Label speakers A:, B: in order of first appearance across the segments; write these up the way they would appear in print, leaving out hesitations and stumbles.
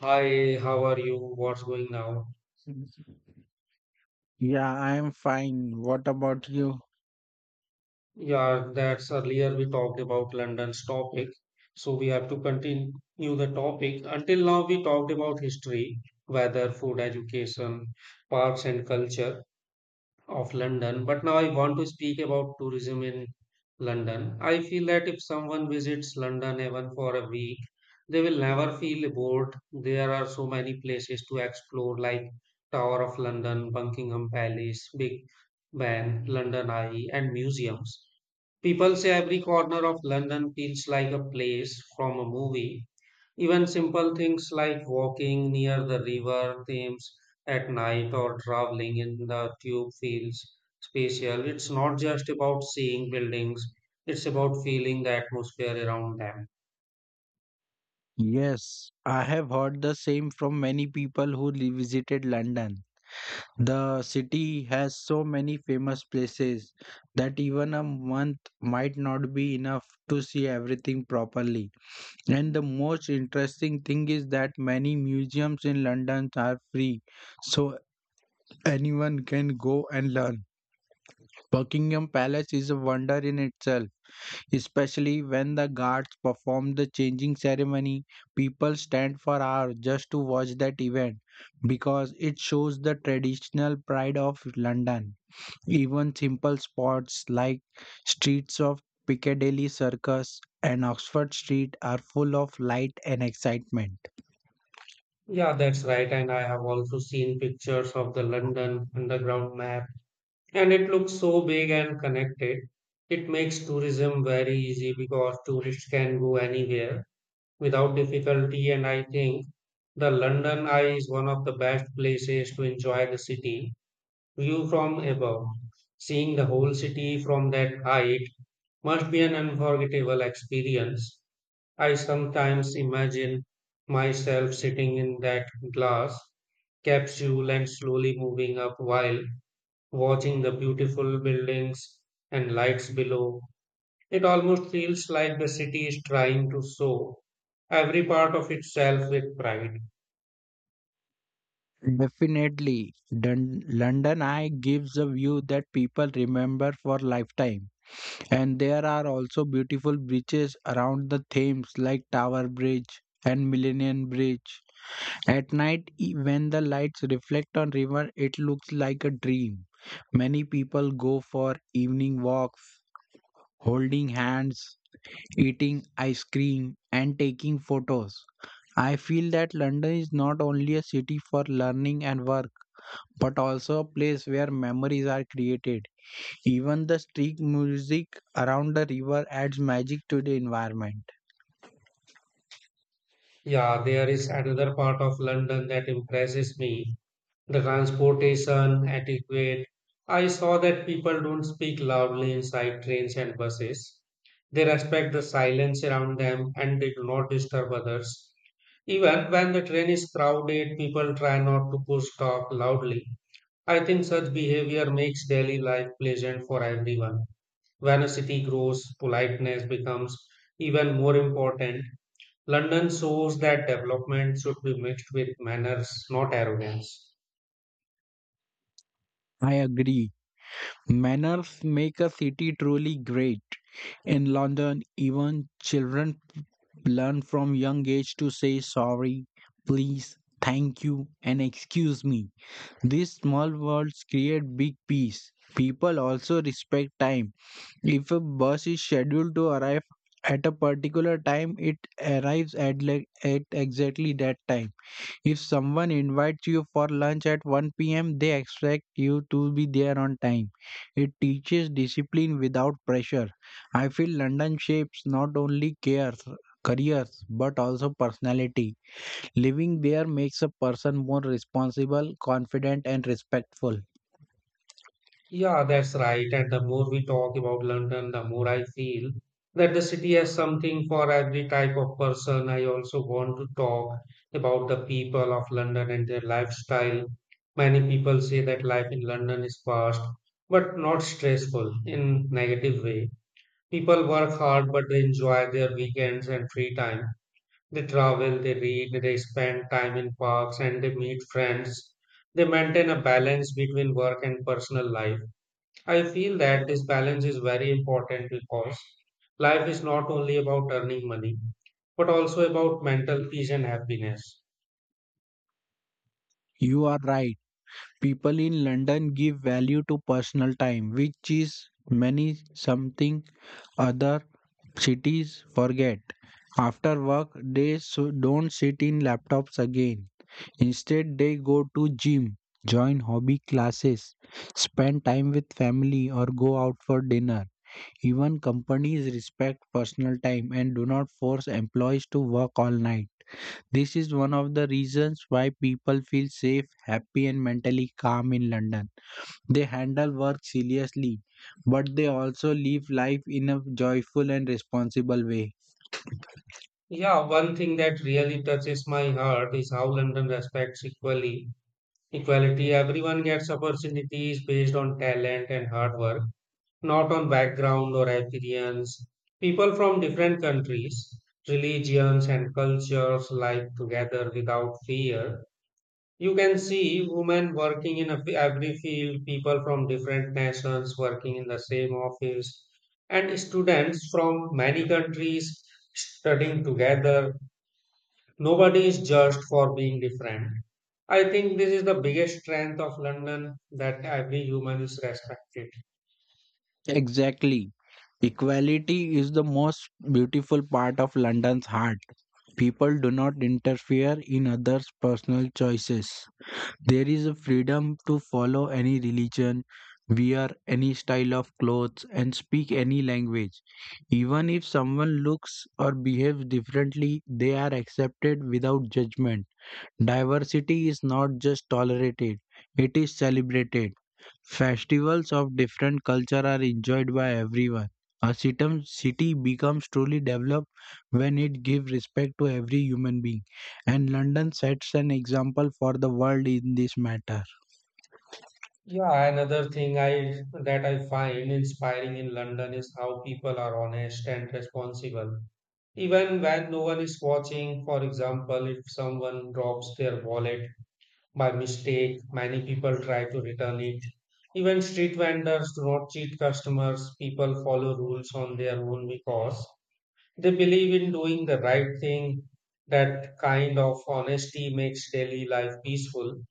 A: Hi, how are you? What's going now?
B: Yeah, I am fine. What about you?
A: Yeah, that's earlier we talked about London's topic. So we have to continue the topic. Until now, we talked about history, weather, food, education, parks, and culture of London, but now I want to speak about tourism in London. I feel that if someone visits London even for a week, they will never feel bored. There are so many places to explore, like Tower of London, Buckingham Palace, Big Ben, London Eye, and museums. People say every corner of London feels like a place from a movie, even simple things like walking near the river Thames at night or traveling in the tube feels spatial. It's not just about seeing buildings, it's about feeling the atmosphere around them.
B: Yes, I have heard the same from many people who visited London. The city has so many famous places that even a month might not be enough to see everything properly. And the most interesting thing is that many museums in London are free, so anyone can go and learn. Buckingham Palace is a wonder in itself, especially when the guards perform the changing ceremony. People stand for hours just to watch that event because it shows the traditional pride of London. Even simple spots like streets of Piccadilly Circus and Oxford Street are full of light and excitement.
A: Yeah, that's right. And I have also seen pictures of the London Underground map, and it looks so big and connected. It makes tourism very easy because tourists can go anywhere without difficulty, and I think the London Eye is one of the best places to enjoy the city view from above. Seeing the whole city from that height must be an unforgettable experience. I sometimes imagine myself sitting in that glass capsule and slowly moving up while watching the beautiful buildings and lights below. It almost feels like the city is trying to show every part of itself with pride.
B: Definitely, London Eye gives a view that people remember for lifetime. And there are also beautiful beaches around the Thames like Tower Bridge and Millennium Bridge. At night when the lights reflect on river it looks like a dream. Many people go for evening walks, holding hands, eating ice cream and taking photos. I feel that London is not only a city for learning and work but also a place where memories are created. Even the street music around the river adds magic to the environment.
A: Yeah, there is another part of London that impresses me, the transportation etiquette. I saw that people don't speak loudly inside trains and buses. They respect the silence around them and they do not disturb others. Even when the train is crowded, people try not to push talk loudly. I think such behavior makes daily life pleasant for everyone. Vanity grows, politeness becomes even more important. London shows that development should be mixed with manners, not arrogance.
B: I agree. Manners make a city truly great. In London, even children learn from young age to say sorry, please, thank you, and excuse me. These small words create big peace. People also respect time. If a bus is scheduled to arrive at a particular time, it arrives at exactly that time. If someone invites you for lunch at 1 p.m., they expect you to be there on time. It teaches discipline without pressure. I feel London shapes not only careers but also personality. Living there makes a person more responsible, confident, and respectful.
A: Yeah, that's right. And the more we talk about London, the more I feel that the city has something for every type of person. I also want to talk about the people of London and their lifestyle. Many people say that life in London is fast, but not stressful in negative way. People work hard, but they enjoy their weekends and free time. They travel, they read, they spend time in parks, and they meet friends. They maintain a balance between work and personal life. I feel that this balance is very important because life is not only about earning money, but also about mental peace and happiness.
B: You are right. People in London give value to personal time, which is many something other cities forget. After work, they don't sit in laptops again. Instead, they go to gym, join hobby classes, spend time with family or go out for dinner. Even companies respect personal time and do not force employees to work all night. This is one of the reasons why people feel safe, happy and mentally calm in London. They handle work seriously, but they also live life in a joyful and responsible way.
A: Yeah, one thing that really touches my heart is how London respects equally equality. Everyone gets opportunities based on talent and hard work, not on background or appearance. People from different countries, religions, and cultures live together without fear. You can see women working in a every field, people from different nations working in the same office, and students from many countries studying together. Nobody is judged for being different. I think this is the biggest strength of London, that every human is respected.
B: Exactly. Equality is the most beautiful part of London's heart. People do not interfere in others' personal choices. There is a freedom to follow any religion, wear any style of clothes, and speak any language. Even if someone looks or behaves differently, they are accepted without judgment. Diversity is not just tolerated, it is celebrated. Festivals of different culture are enjoyed by everyone. A city becomes truly developed when it gives respect to every human being, and London sets an example for the world in this matter.
A: Yeah, another thing I that I find inspiring in London is how people are honest and responsible. Even when no one is watching, for example, if someone drops their wallet by mistake, many people try to return it. Even street vendors do not cheat customers. People follow rules on their own because they believe in doing the right thing. That kind of honesty makes daily life peaceful.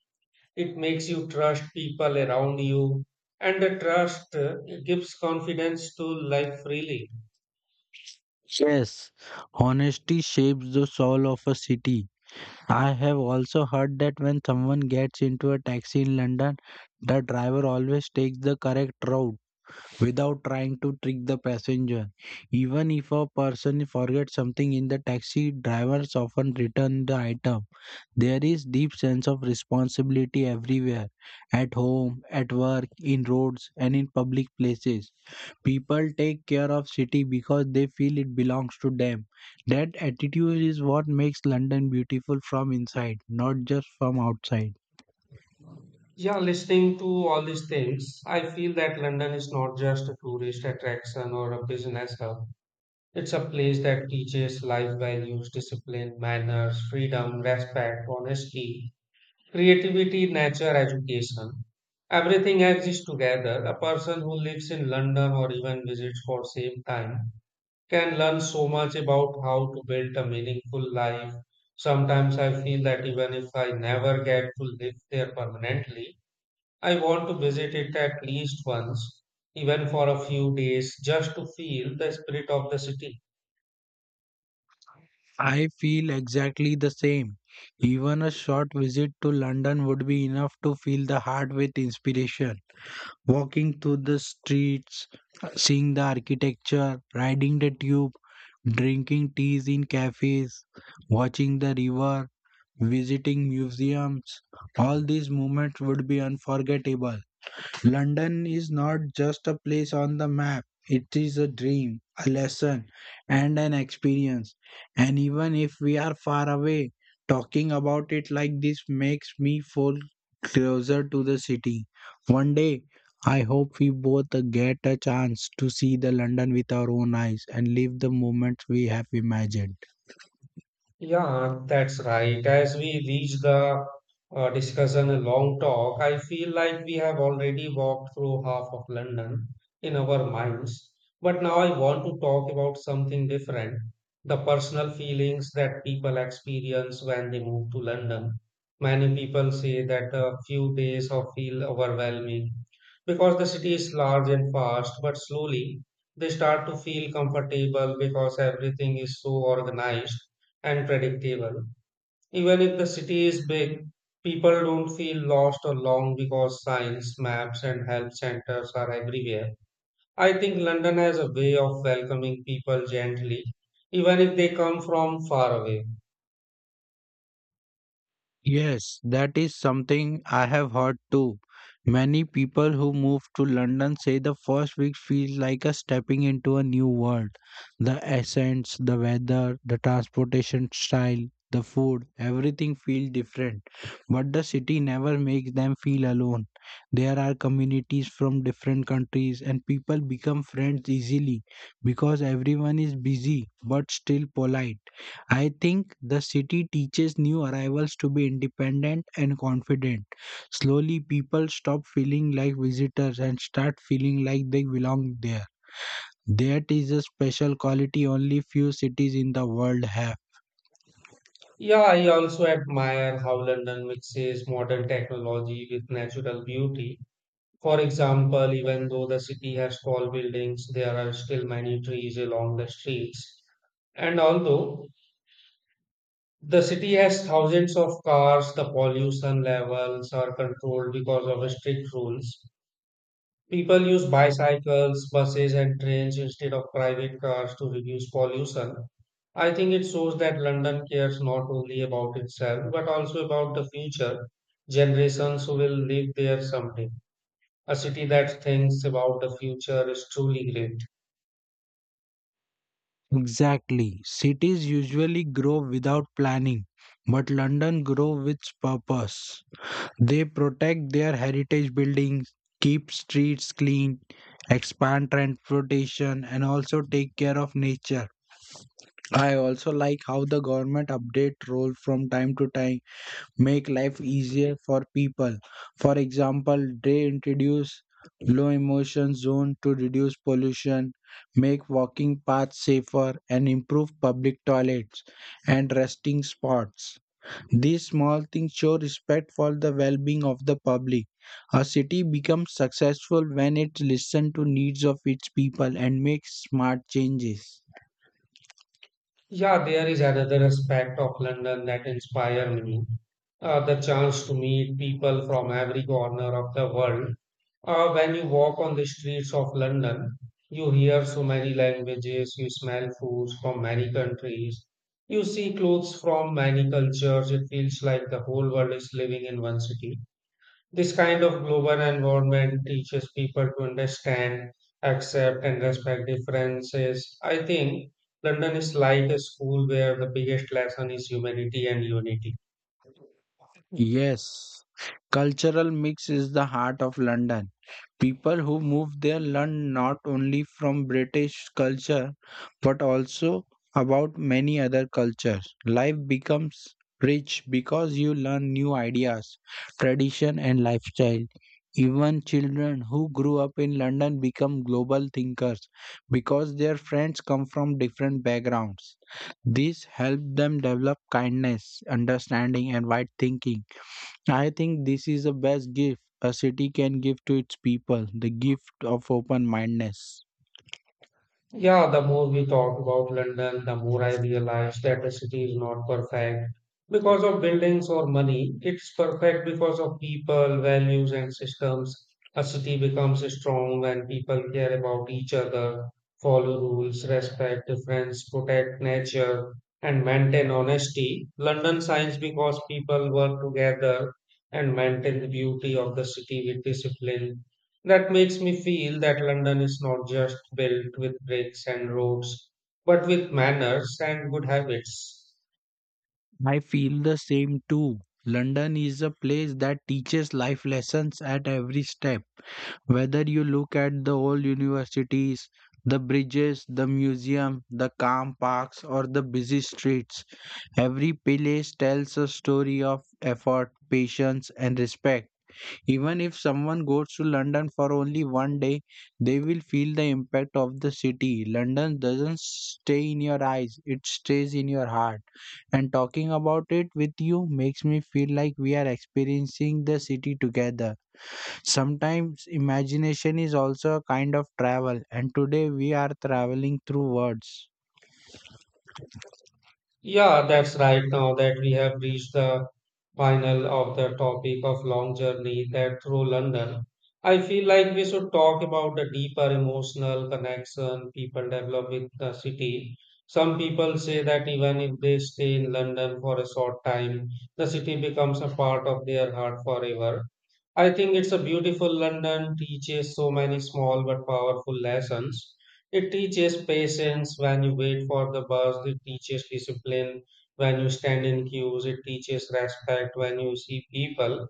A: It makes you trust people around you, and the trust gives confidence to life freely.
B: Yes, honesty shapes the soul of a city. I have also heard that when someone gets into a taxi in London, the driver always takes the correct route without trying to trick the passenger. Even if a person forgets something in the taxi, drivers often return the item. There is deep sense of responsibility everywhere, at home, at work, in roads and in public places. People take care of city because they feel it belongs to them. That attitude is what makes London beautiful from inside, not just from outside.
A: Yeah listening to all these things, I feel that London is not just a tourist attraction or a business hub. It's a place that teaches life values, discipline, manners, freedom, respect, honesty, creativity, nature, education. Everything exists together. A person who lives in London or even visits for same time can learn so much about how to build a meaningful life. Sometimes I feel that even if I never get to live there permanently, I want to visit it at least once, even for a few days, just to feel the spirit of the city.
B: I feel exactly the same. Even a short visit to London would be enough to fill the heart with inspiration. Walking through the streets, seeing the architecture, riding the tube, drinking teas in cafes, watching the river, visiting museums, all these moments would be unforgettable. London is not just a place on the map, it is a dream, a lesson, and an experience. And even if we are far away, talking about it like this makes me feel closer to the city. One day, I hope we both get a chance to see the London with our own eyes and live the moments we have imagined.
A: Yeah, that's right. As we reach the discussion, a long talk, I feel like we have already walked through half of London in our minds. But now I want to talk about something different, the personal feelings that people experience when they move to London. Many people say that a few days of feel overwhelming because the city is large and fast, but slowly they start to feel comfortable because everything is so organized and predictable. Even if the city is big, people don't feel lost or long because signs, maps, and help centers are everywhere. I think London has a way of welcoming people gently, even if they come from far away.
B: Yes, that is something I have heard too. Many people who move to London say the first week feels like a stepping into a new world. The accents, the weather, the transportation style, the food, everything feels different. But the city never makes them feel alone. There are communities from different countries and people become friends easily because everyone is busy but still polite. I think the city teaches new arrivals to be independent and confident. Slowly, people stop feeling like visitors and start feeling like they belong there. That is a special quality only few cities in the world have.
A: Yeah, I also admire how London mixes modern technology with natural beauty. For example, even though the city has tall buildings, there are still many trees along the streets. And although the city has thousands of cars, the pollution levels are controlled because of strict rules. People use bicycles, buses, and trains instead of private cars to reduce pollution. I think it shows that London cares not only about itself but also about the future generations who will live there someday. A city that thinks about the future is truly great.
B: Exactly. Cities usually grow without planning, but London grow with purpose. They protect their heritage buildings, keep streets clean, expand transportation, and also take care of nature. I also like how the government update role from time to time make life easier for people. For example, they introduce low emission zone to reduce pollution, make walking paths safer and improve public toilets and resting spots. These small things show respect for the well-being of the public. A city becomes successful when it listens to needs of its people and makes smart changes.
A: Yeah, there is another aspect of London that inspire me. The chance to meet people from every corner of the world. When you walk on the streets of London, you hear so many languages, you smell foods from many countries, you see clothes from many cultures. It feels like the whole world is living in one city. This kind of global environment teaches people to understand, accept, and respect differences. I think London is like a school where the biggest lesson is humanity and unity.
B: Yes, cultural mix is the heart of London. People who move there learn not only from British culture but also about many other cultures. Life becomes rich because you learn new ideas, tradition, and lifestyle. Even children who grew up in London become global thinkers because their friends come from different backgrounds. This helps them develop kindness, understanding, and wide thinking. I think this is the best gift a city can give to its people the gift of open mindedness.
A: Yeah, the more we talk about London, the more I realize that the city is not perfect because of buildings or money. It's perfect because of people, values, and systems. A city becomes strong when people care about each other, follow rules, respect difference, protect nature, and maintain honesty. London shines because people work together and maintain the beauty of the city with discipline. That makes me feel that London is not just built with bricks and roads, but with manners and good habits.
B: I feel the same too. London is a place that teaches life lessons at every step. Whether you look at the old universities, the bridges, the museum, the calm parks, or the busy streets, every place tells a story of effort, patience, and respect. Even if someone goes to London for only one day, they will feel the impact of the city. London doesn't stay in your eyes, it stays in your heart. And talking about it with you makes me feel like we are experiencing the city together. Sometimes imagination is also a kind of travel, and today we are traveling through words.
A: Yeah, that's right. Now that we have reached the final of the topic of long journey that through London, I feel like we should talk about the deeper emotional connection people develop with the city. Some people say that even if they stay in London for a short time, the city becomes a part of their heart forever. I think it's a beautiful London teaches so many small but powerful lessons. It teaches patience when you wait for the bus, it teaches discipline when you stand in queues, it teaches respect when you see people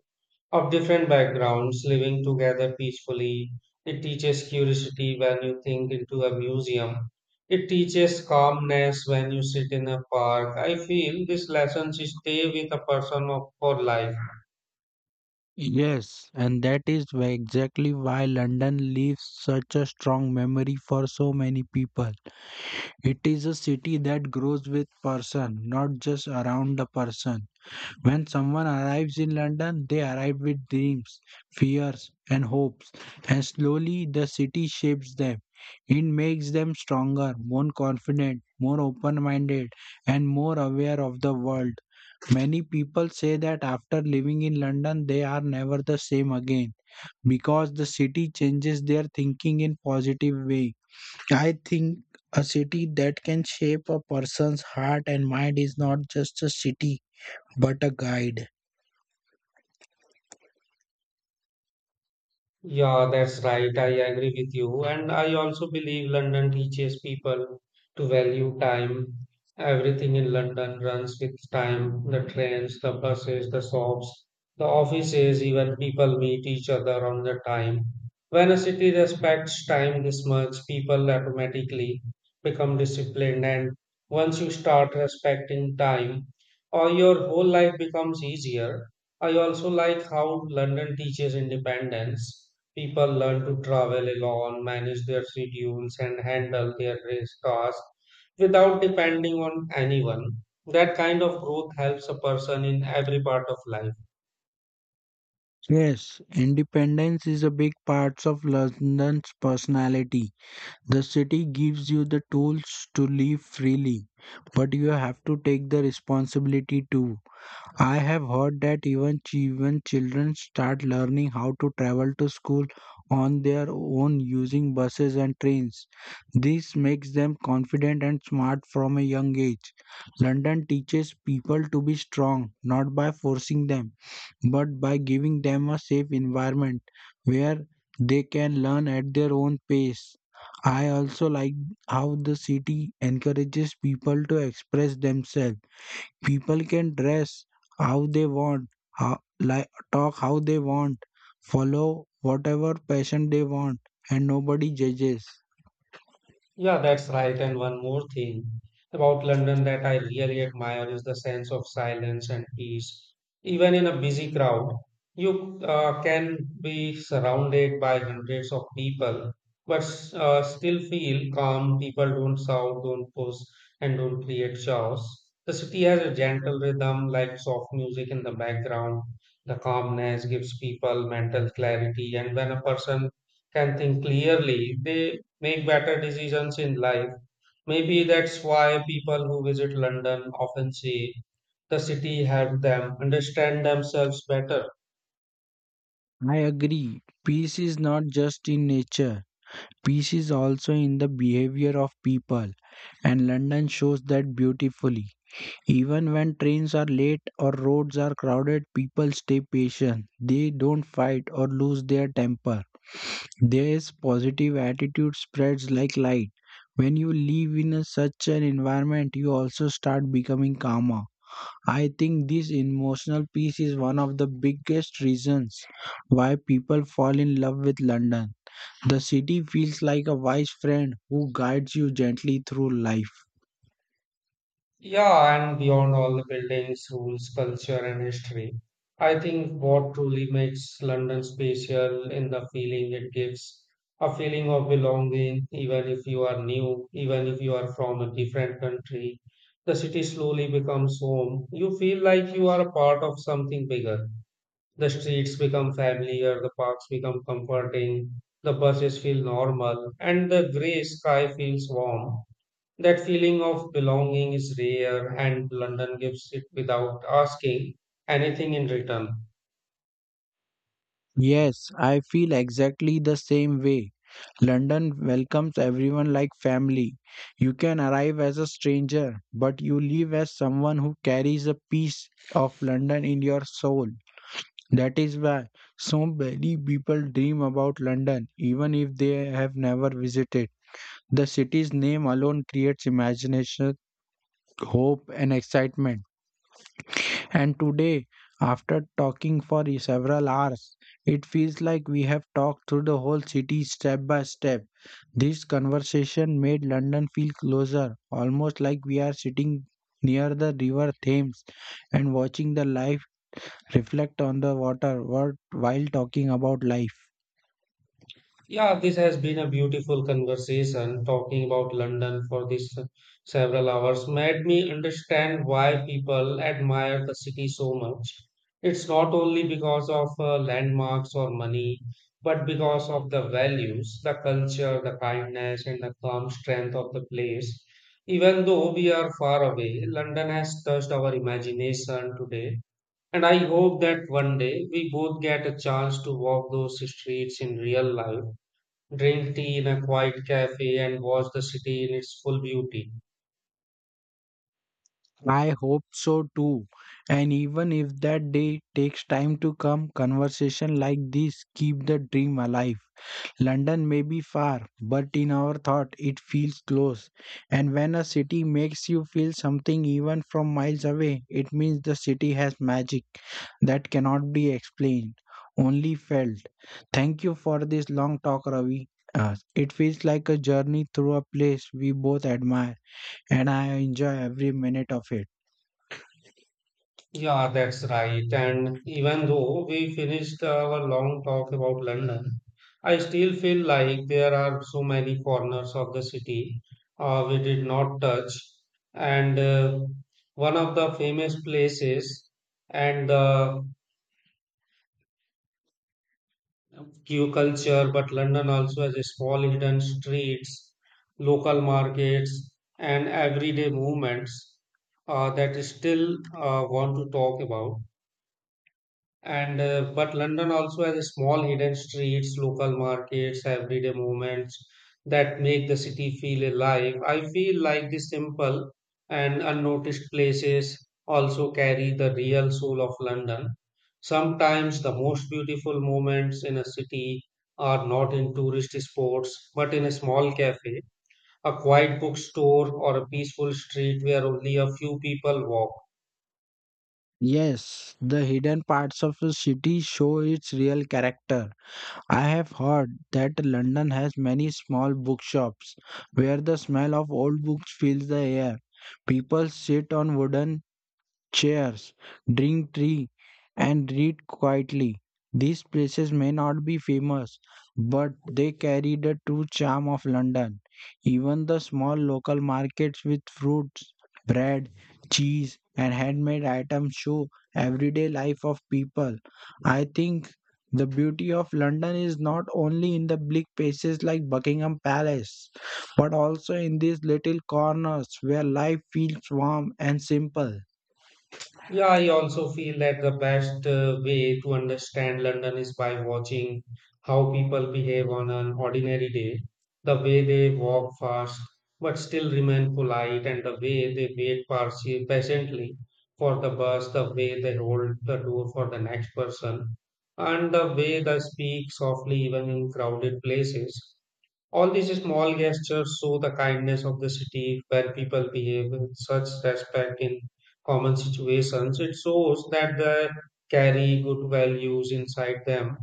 A: of different backgrounds living together peacefully. It teaches curiosity when you think into a museum. It teaches calmness when you sit in a park. I feel these lessons stay with a person for life.
B: Yes, and exactly why London leaves such a strong memory for so many people. It is a city that grows with person, not just around a person. When someone arrives in London, they arrive with dreams, fears, and hopes, and slowly the city shapes them. It makes them stronger, more confident, more open minded, and more aware of the world. Many people say that after living in London, they are never the same again because the city changes their thinking in positive way. I think a city that can shape a person's heart and mind is not just a city, but a guide.
A: Yeah, that's right. I agree with you. And I also believe London teaches people to value time. Everything in London runs with time, the trains, the buses, the shops, the offices, even people meet each other on the time. When a city respects time this much, people automatically become disciplined. And once you start respecting time, or your whole life becomes easier. I also like how London teaches independence. People learn to travel alone, manage their schedules, and handle their race tasks without depending on anyone. That kind of growth helps a person in every part of life.
B: Yes, independence is a big part of London's personality. The city gives you the tools to live freely, but you have to take the responsibility too. I have heard that even when children start learning how to travel to school on their own using buses and trains, this makes them confident and smart from a young age. London teaches people to be strong, not by forcing them, but by giving them a safe environment where they can learn at their own pace. I also like how the city encourages people to express themselves. People can dress how they want, talk how they want, follow whatever passion they want, and nobody judges.
A: Yeah, that's right. And one more thing about London that I really admire is the sense of silence and peace. Even in a busy crowd, you can be surrounded by hundreds of people, but still feel calm. People don't shout, don't push, and don't create chaos. The city has a gentle rhythm, like soft music in the background. The calmness gives people mental clarity, and when a person can think clearly, they make better decisions in life. Maybe that's why people who visit London often say the city helped them understand themselves better.
B: I agree. Peace is not just in nature, peace is also in the behavior of people, and London shows that beautifully. Even when trains are late or roads are crowded, people stay patient. They don't fight or lose their temper. This positive attitude spreads like light. When you live in such an environment, you also start becoming calmer. I think this emotional peace is one of the biggest reasons why people fall in love with London. The city feels like a wise friend who guides you gently through life.
A: Yeah, and beyond all the buildings, rules, culture, and history, I think what truly makes London special in the feeling it gives, a feeling of belonging, even if you are new, even if you are from a different country. The city slowly becomes home. You feel like you are a part of something bigger. The streets become familiar, the parks become comforting, the buses feel normal, and the grey sky feels warm. That feeling of belonging is rare, and London gives it without asking anything in return.
B: Yes, I feel exactly the same way. London welcomes everyone like family. You can arrive as a stranger, but you leave as someone who carries a piece of London in your soul. That is why so many people dream about London, even if they have never visited. The city's name alone creates imagination, hope, and excitement. And today, after talking for several hours, it feels like we have talked through the whole city step by step. This conversation made London feel closer, almost like we are sitting near the river Thames and watching the life reflect on the while talking about life.
A: Yeah, this has been a beautiful conversation. Talking about London for this several hours made me understand why people admire the city so much. It's not only because of landmarks or money, but because of the values, the culture, the kindness, and the calm strength of the place. Even though we are far away, London has touched our imagination today. And I hope that one day we both get a chance to walk those streets in real life, drink tea in a quiet cafe and watch the city in its full beauty.
B: I hope so too. And even if that day takes time to come, conversation like this keep the dream alive. London may be far, but in our thought it feels close. And when a city makes you feel something even from miles away, it means the city has magic that cannot be explained, only felt. Thank you for this long talk, Ravi. It feels like a journey through a place we both admire, and I enjoy every minute of it.
A: Yeah, that's right. And even though we finished our long talk about London, I still feel like there are so many corners of the city we did not touch. And One of the famous places and the queue culture, but London also has a small hidden streets, local markets, and everyday movements that still want to talk about. And But London also has small hidden streets, local markets, everyday moments that make the city feel alive. I feel like these simple and unnoticed places also carry the real soul of London. Sometimes the most beautiful moments in a city are not in tourist spots, but in a small cafe, a quiet bookstore, or a peaceful street where only a few people walk.
B: Yes, the hidden parts of a city show its real character. I have heard that London has many small bookshops where the smell of old books fills the air. People sit on wooden chairs, drink tea, and read quietly. These places may not be famous, but they carry the true charm of London. Even the small local markets with fruits, bread, cheese, and handmade items show everyday life of people. I think the beauty of London is not only in the big places like Buckingham Palace, but also in these little corners where life feels warm and simple.
A: Yeah, I also feel that the best way to understand London is by watching how people behave on an ordinary day, the way they walk fast but still remain polite, and the way they wait patiently for the bus, the way they hold the door for the next person, and the way they speak softly even in crowded places. All these small gestures show the kindness of the city where people behave with such respect in common situations. It shows that they carry good values inside them.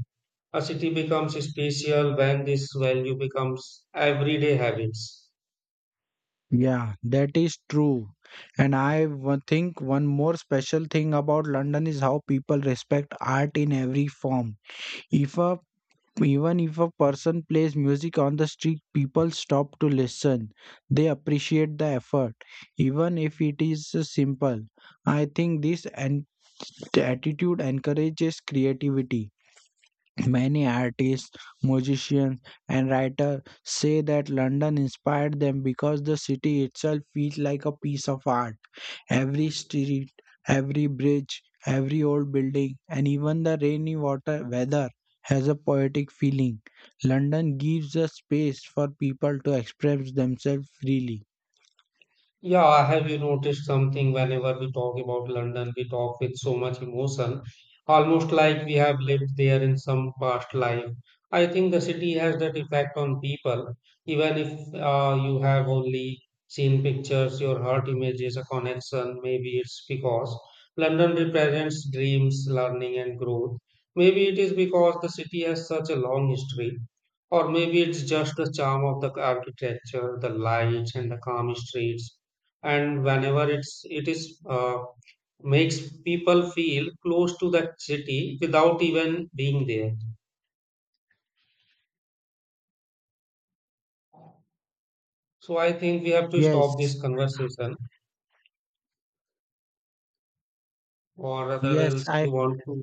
A: A city becomes special when this value becomes everyday habits.
B: Yeah, that is true. And I think one more special thing about London is how people respect art in every form. If a Even if a person plays music on the street, people stop to listen. They appreciate the effort, even if it is simple. I think this attitude encourages creativity. Many artists, musicians, and writers say that London inspired them because the city itself feels like a piece of art. Every street, every bridge, every old building, and even the rainy water weather has a poetic feeling. London gives a space for people to express themselves freely.
A: Yeah, have you noticed something? Whenever we talk about London, we talk with so much emotion, almost like we have lived there in some past life. I think the city has that effect on people. Even if you have only seen pictures, your heart images a connection. Maybe it's because London represents dreams, learning, and growth. Maybe it is because the city has such a long history. Or maybe it's just the charm of the architecture, the lights, and the calm streets. And whenever it is makes people feel close to that city without even being there. So I think we have to
B: Yes,
A: stop this conversation, or rather,
B: yes,
A: else
B: I
A: you want to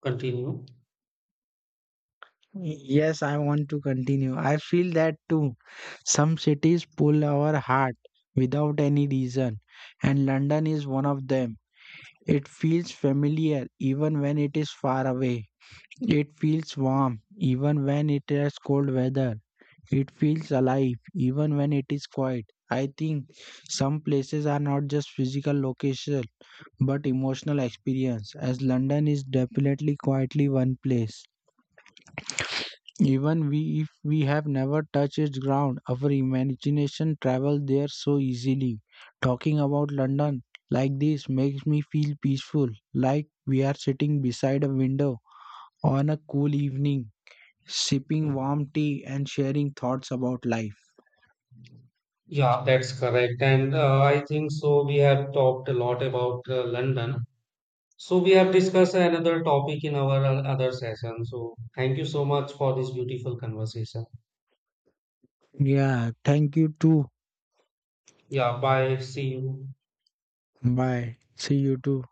A: continue.
B: Yes, I want to continue. I feel that too. Some cities pull our heart without any reason, and London is one of them. It feels familiar even when it is far away. It feels warm even when it has cold weather. It feels alive even when it is quiet. I think some places are not just physical location but emotional experience, as London is definitely quietly one place. Even we, if we have never touched its ground, our imagination travels there so easily. Talking about London like this makes me feel peaceful, like we are sitting beside a window on a cool evening, sipping warm tea and sharing thoughts about life.
A: Yeah, that's correct. And I think so. We have talked a lot about London. So we have discussed another topic in our other session. So thank you so much for this beautiful conversation.
B: Yeah, thank you too.
A: Yeah, bye. See you.
B: Bye. See you too.